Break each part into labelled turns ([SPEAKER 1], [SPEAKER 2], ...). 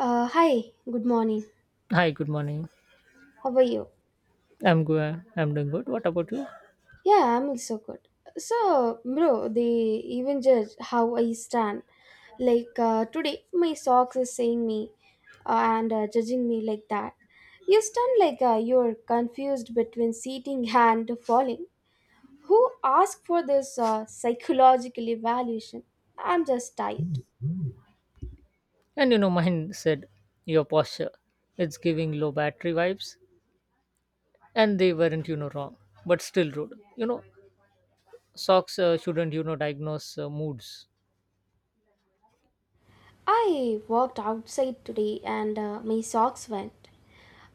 [SPEAKER 1] Hi, good morning.
[SPEAKER 2] Hi, good morning.
[SPEAKER 1] How are you?
[SPEAKER 2] I'm good. I'm doing good. What about you?
[SPEAKER 1] Yeah, I'm also good. So, bro, they even judge how I stand. Today, my socks is saying me and judging me like that. You stand like you're confused between sitting and falling. Who asked for this psychological evaluation? I'm just tired.
[SPEAKER 2] And mine said your posture. It's giving low battery vibes, and they weren't, wrong, but still rude. Socks shouldn't, diagnose moods.
[SPEAKER 1] I walked outside today and my socks went.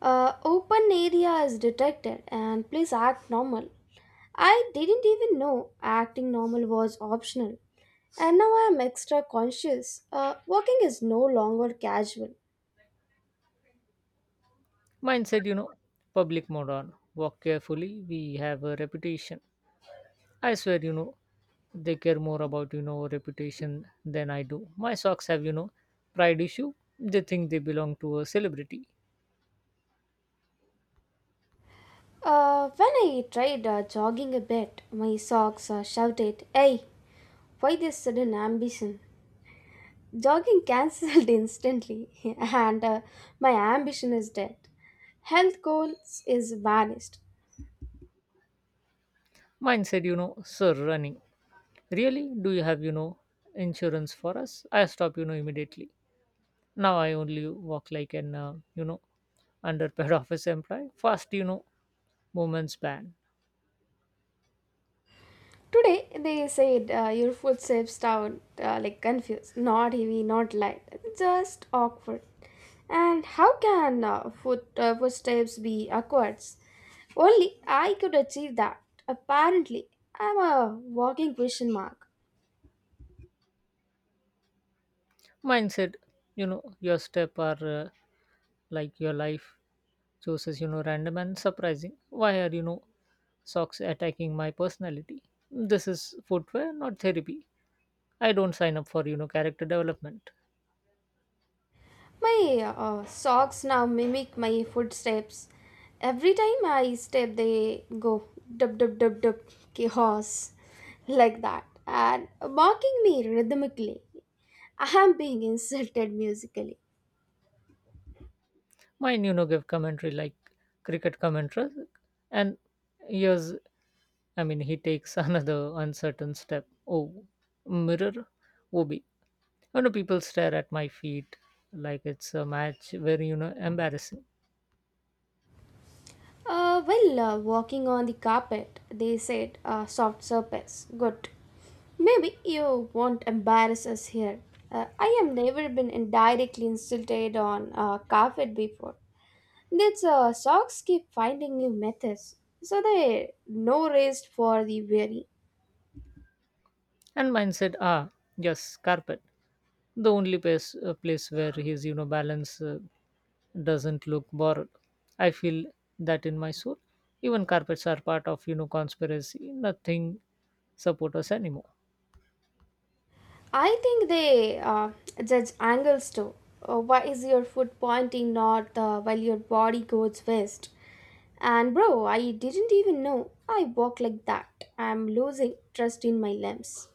[SPEAKER 1] Open area is detected and please act normal. I didn't even know acting normal was optional. And now I am extra conscious. Walking is no longer casual.
[SPEAKER 2] Mine said, public moron. Walk carefully. We have a reputation. I swear, they care more about, reputation than I do. My socks have, pride issue. They think they belong to a celebrity.
[SPEAKER 1] When I tried jogging a bit, my socks shouted, "Hey, why this sudden ambition?" Jogging cancelled instantly, and my ambition is dead. Health goals is vanished.
[SPEAKER 2] Mine said, sir, running. Really? Do you have, insurance for us? I stopped, immediately. Now I only walk like an, underpaid office employee. Fast, movements ban.
[SPEAKER 1] Today they said your food saves town like confused, not heavy, not light, just awkward. And how can food footsteps be awkward? Only I could achieve that. Apparently, I'm a walking question mark.
[SPEAKER 2] Mine said, your step are like your life chooses, random and surprising. Why are, socks attacking my personality? This is footwear, not therapy. I don't sign up for, character development.
[SPEAKER 1] My socks now mimic my footsteps. Every time I step, they go dub dub dub dub chaos like that and mocking me rhythmically. I am being insulted musically.
[SPEAKER 2] Mine give commentary like cricket commentary, and here's, I mean, he takes another uncertain step. Oh, mirror obi, you know people stare at my feet like it's a match, very embarrassing.
[SPEAKER 1] Walking on the carpet, they said, soft surface. Good. Maybe you won't embarrass us here. I have never been indirectly insulted on carpet before. These sharks keep finding new methods, so they no rest for the weary.
[SPEAKER 2] And mine said, ah, yes, carpet, the only place where his balance doesn't look borrowed. I feel that in my soul. Even carpets are part of conspiracy. Nothing support us anymore.
[SPEAKER 1] I think they judge angles too. Why is your foot pointing north while your body goes west? And bro, I didn't even know I walk like that. I'm losing trust in my limbs.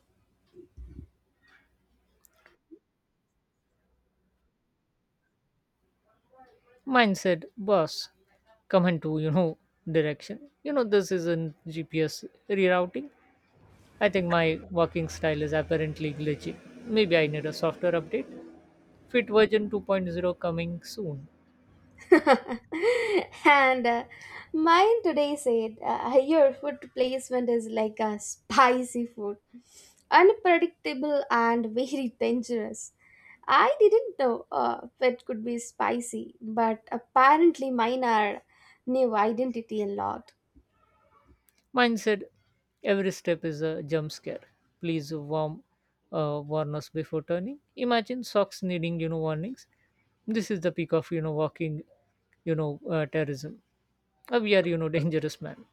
[SPEAKER 2] Mindset, boss, come into direction. This isn't GPS rerouting. I think my working style is apparently glitchy. Maybe I need a software update. Fit version 2.0 coming soon.
[SPEAKER 1] and Mine today said, your food placement is like a spicy food, unpredictable and very dangerous. I didn't know it could be spicy, but apparently mine are new identity a lot.
[SPEAKER 2] Mindset, every step is a jump scare. Please warm warn us before turning. Imagine socks needing warnings. This is the peak of walking terrorism. We are dangerous man.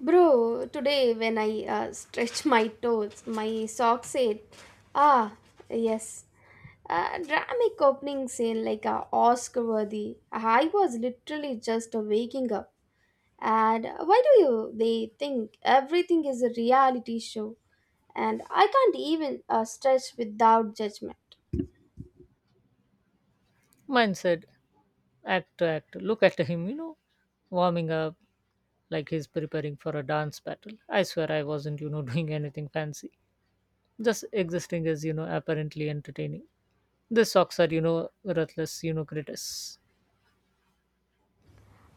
[SPEAKER 1] Bro, today when I stretch my toes, my sock said, ah, yes, a dramatic opening scene like a Oscar worthy. I was literally just waking up. And why do you, they think everything is a reality show and I can't even stretch without judgment.
[SPEAKER 2] Mindset. Act, act. Look at him, warming up like he's preparing for a dance battle. I swear I wasn't, doing anything fancy. Just existing as, apparently entertaining. The socks are, ruthless, critics.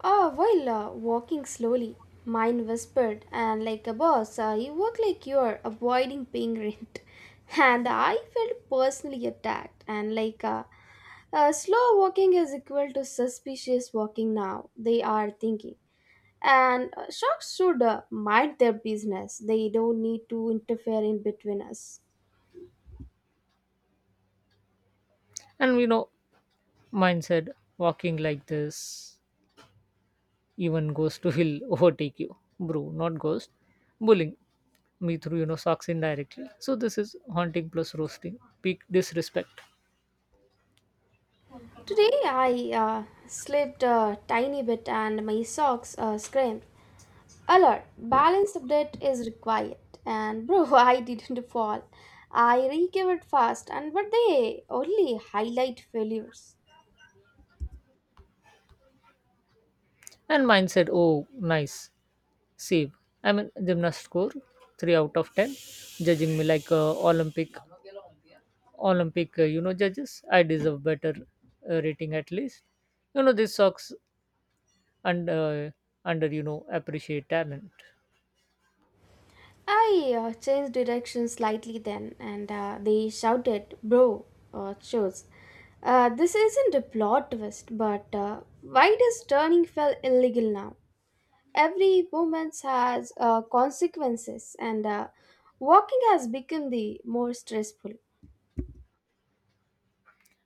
[SPEAKER 1] While walking slowly, mine whispered, and like a boss, you walk like you're avoiding paying rent. And I felt personally attacked, and slow walking is equal to suspicious walking now, they are thinking. And sharks should mind their business, they don't need to interfere in between us.
[SPEAKER 2] And mine said, walking like this, even ghost will overtake you. Bro, not ghost. Bullying me through, socks indirectly. So this is haunting plus roasting. Peak disrespect.
[SPEAKER 1] Today I slipped a tiny bit and my socks screamed. A lot. Balanced update is required. And bro, I didn't fall. I recovered fast, and but they only highlight failures.
[SPEAKER 2] And mine said, oh, nice. Save. I'm a gymnast score 3 out of 10. Judging me like Olympic, judges. I deserve better rating at least. This sucks and under appreciate talent.
[SPEAKER 1] I changed direction slightly then, and they shouted, "Bro, shows. This isn't a plot twist, but why does turning feel illegal now? Every moment has consequences, and walking has become the more stressful."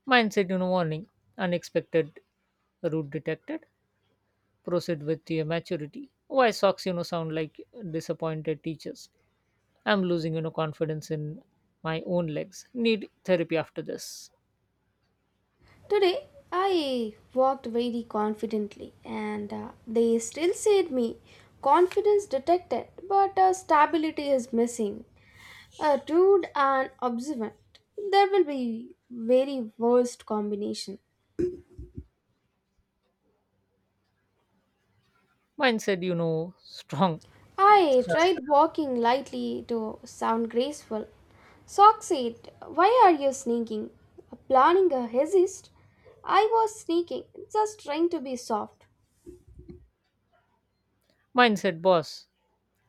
[SPEAKER 2] Mindset, warning, unexpected route detected. Proceed with your maturity. Why socks, sound like disappointed teachers. I'm losing, confidence in my own legs. Need therapy after this.
[SPEAKER 1] Today I walked very confidently and they still said me confidence detected but stability is missing. A rude and observant. There will be very worst combination.
[SPEAKER 2] Mindset, strong.
[SPEAKER 1] I tried walking lightly to sound graceful. Sock said, "Why are you sneaking? Planning a hesist?" I was sneaking, just trying to be soft.
[SPEAKER 2] Mine said, boss,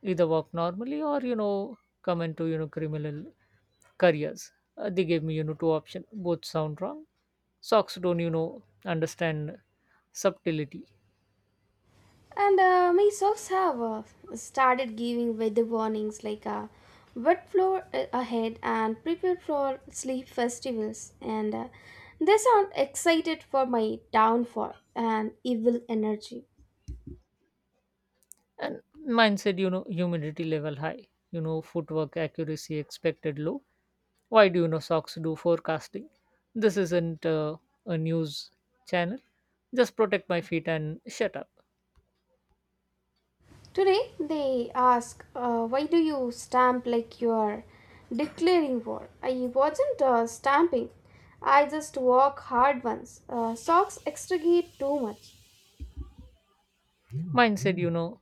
[SPEAKER 2] either work normally or come into criminal careers. They gave me two options. Both sound wrong. Socks don't understand subtlety.
[SPEAKER 1] And my socks have started giving weather warnings like wet floor ahead and prepare for sleep festivals. And they sound excited for my downfall and evil energy.
[SPEAKER 2] And mine said, humidity level high. Footwork accuracy expected low. Why do socks do forecasting? This isn't a news channel. Just protect my feet and shut up.
[SPEAKER 1] Today they ask, why do you stamp like you are declaring war? I wasn't stamping. I just walk hard once. Socks extricate too much.
[SPEAKER 2] Mine said,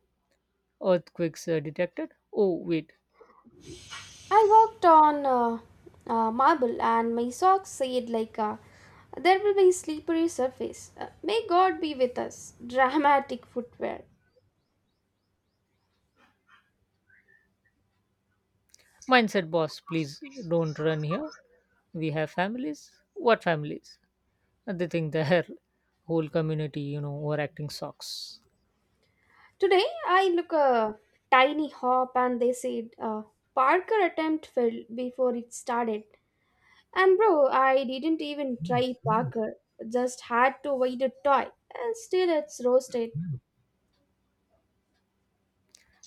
[SPEAKER 2] earthquakes detected. Oh, wait.
[SPEAKER 1] I walked on marble and my socks said, like, there will be slippery surface. May God be with us. Dramatic footwear.
[SPEAKER 2] Mindset boss, please don't run here. We have families. What families? And they think their whole community, overacting socks.
[SPEAKER 1] Today, I look a tiny hop and they said, Parker attempt failed before it started. And bro, I didn't even try Parker. Just had to wait a toy. And still, it's roasted.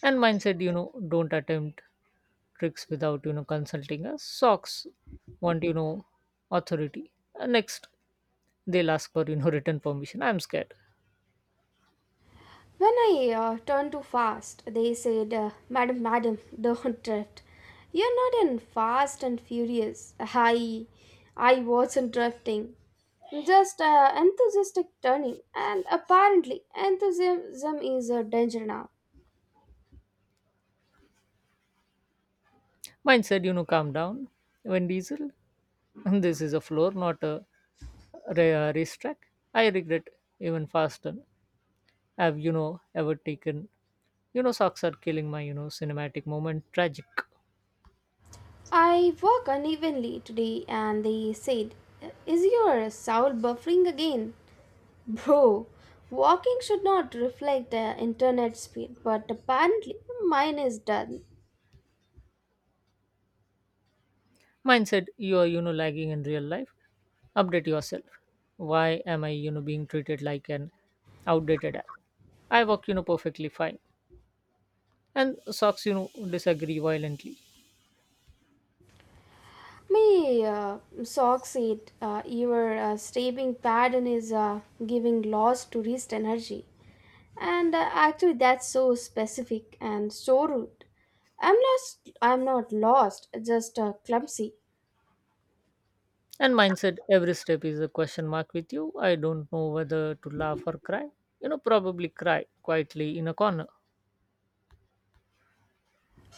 [SPEAKER 2] And mindset, don't attempt tricks without, consulting us. Socks want, authority. And next, they'll ask for, written permission. I'm scared.
[SPEAKER 1] When I turned too fast, they said, Madam, Madam, don't drift. You're not in Fast and Furious. I wasn't drifting. Just enthusiastic turning, and apparently, enthusiasm is a danger now.
[SPEAKER 2] Mindset, calm down. When Diesel, this is a floor, not a racetrack. I regret even faster. Have ever taken. Socks are killing my, cinematic moment. Tragic.
[SPEAKER 1] I walk unevenly today, and they said, Is your soul buffering again? Bro, walking should not reflect the internet speed, but apparently mine is done.
[SPEAKER 2] Mine said, you are, lagging in real life. Update yourself. Why am I, being treated like an outdated app? I work, perfectly fine. And socks, disagree violently.
[SPEAKER 1] My socks it. Your stabbing pattern is giving loss to wrist energy. And actually, that's so specific and so rude. I'm lost. I'm not lost. Just clumsy.
[SPEAKER 2] And mine said, every step is a question mark with you. I don't know whether to laugh or cry. Probably cry quietly in a corner.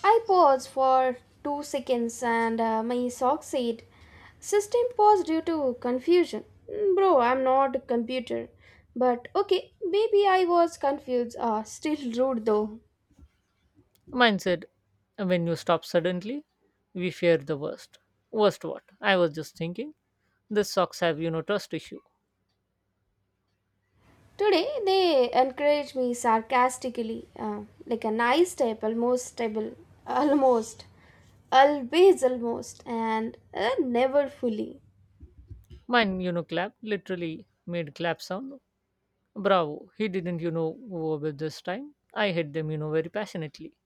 [SPEAKER 1] I pause for 2 seconds, and my sock said, "System pause due to confusion." Mm, bro, I'm not a computer. But okay, maybe I was confused. Still rude though.
[SPEAKER 2] Mine said, when you stop suddenly, we fear the worst. Worst what? I was just thinking. The socks have, trust issue.
[SPEAKER 1] Today they encourage me sarcastically, like a nice step, almost stable, almost, always almost, and never fully.
[SPEAKER 2] Mine, clap literally made clap sound. Bravo. He didn't, go over this time. I hit them, very passionately.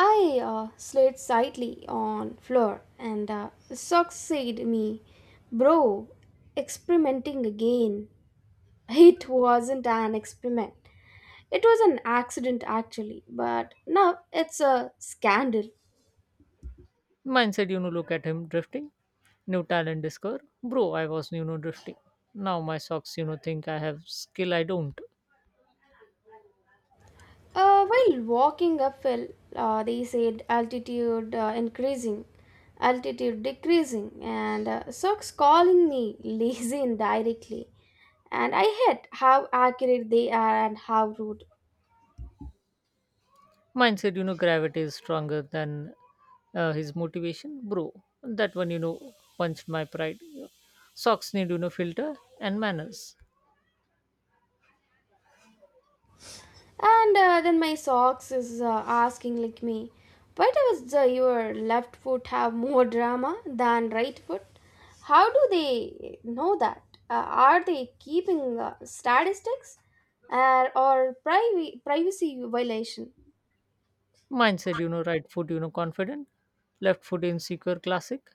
[SPEAKER 1] I slid slightly on floor and socks said me, bro, experimenting again. It wasn't an experiment. It was an accident actually, but now it's a scandal.
[SPEAKER 2] Mine said, look at him drifting. New talent discover. Bro, I was, drifting. Now my socks, think I have skill I don't.
[SPEAKER 1] While walking uphill, they said altitude increasing, altitude decreasing, and socks calling me lazy indirectly. And I hate how accurate they are and how rude.
[SPEAKER 2] Mine said, gravity is stronger than his motivation, bro. That one punched my pride. Socks need filter and manners.
[SPEAKER 1] And Then my socks is asking like me, why does your left foot have more drama than right foot? How do they know that? Are they keeping statistics? Or privacy violation?
[SPEAKER 2] Mine said, right foot confident, left foot insecure. Classic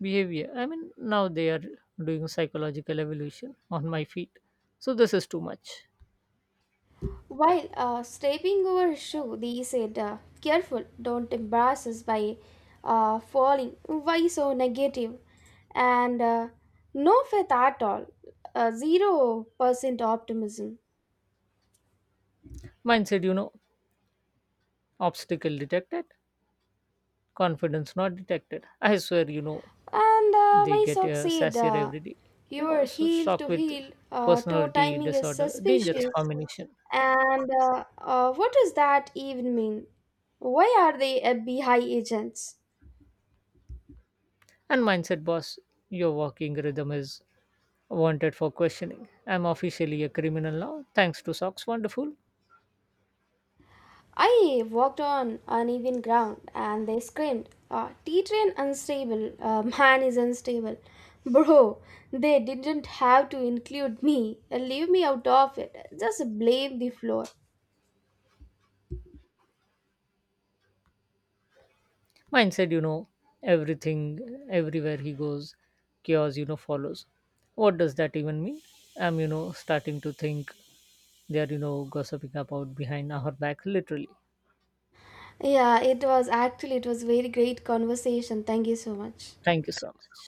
[SPEAKER 2] behavior. I mean, now they are doing psychological evolution on my feet. So this is too much.
[SPEAKER 1] While stepping over his shoe, they said, careful, don't embarrass us by falling. Why so negative? And no faith at all. 0% optimism.
[SPEAKER 2] Mine said, obstacle detected, confidence not detected. I swear,
[SPEAKER 1] And
[SPEAKER 2] they
[SPEAKER 1] my
[SPEAKER 2] get
[SPEAKER 1] sock said,
[SPEAKER 2] sassier every day. You know,
[SPEAKER 1] your
[SPEAKER 2] so
[SPEAKER 1] heel
[SPEAKER 2] struck
[SPEAKER 1] to
[SPEAKER 2] with
[SPEAKER 1] heel toe
[SPEAKER 2] personality
[SPEAKER 1] timing is
[SPEAKER 2] disorder, dangerous
[SPEAKER 1] suspicious.
[SPEAKER 2] combination.
[SPEAKER 1] And what does that even mean? Why are they FBI agents?
[SPEAKER 2] And mindset boss, your walking rhythm is wanted for questioning. I'm officially a criminal now, thanks to Socks Wonderful.
[SPEAKER 1] I walked on uneven ground and they screamed, T train unstable, man is unstable. Bro, they didn't have to include me. Leave me out of it. Just blame the floor.
[SPEAKER 2] Mindset, everything, everywhere he goes, chaos, follows. What does that even mean? I'm, starting to think they are, gossiping about behind our back, literally.
[SPEAKER 1] Yeah, it was actually it was very great conversation. Thank you so much.
[SPEAKER 2] Thank you so much.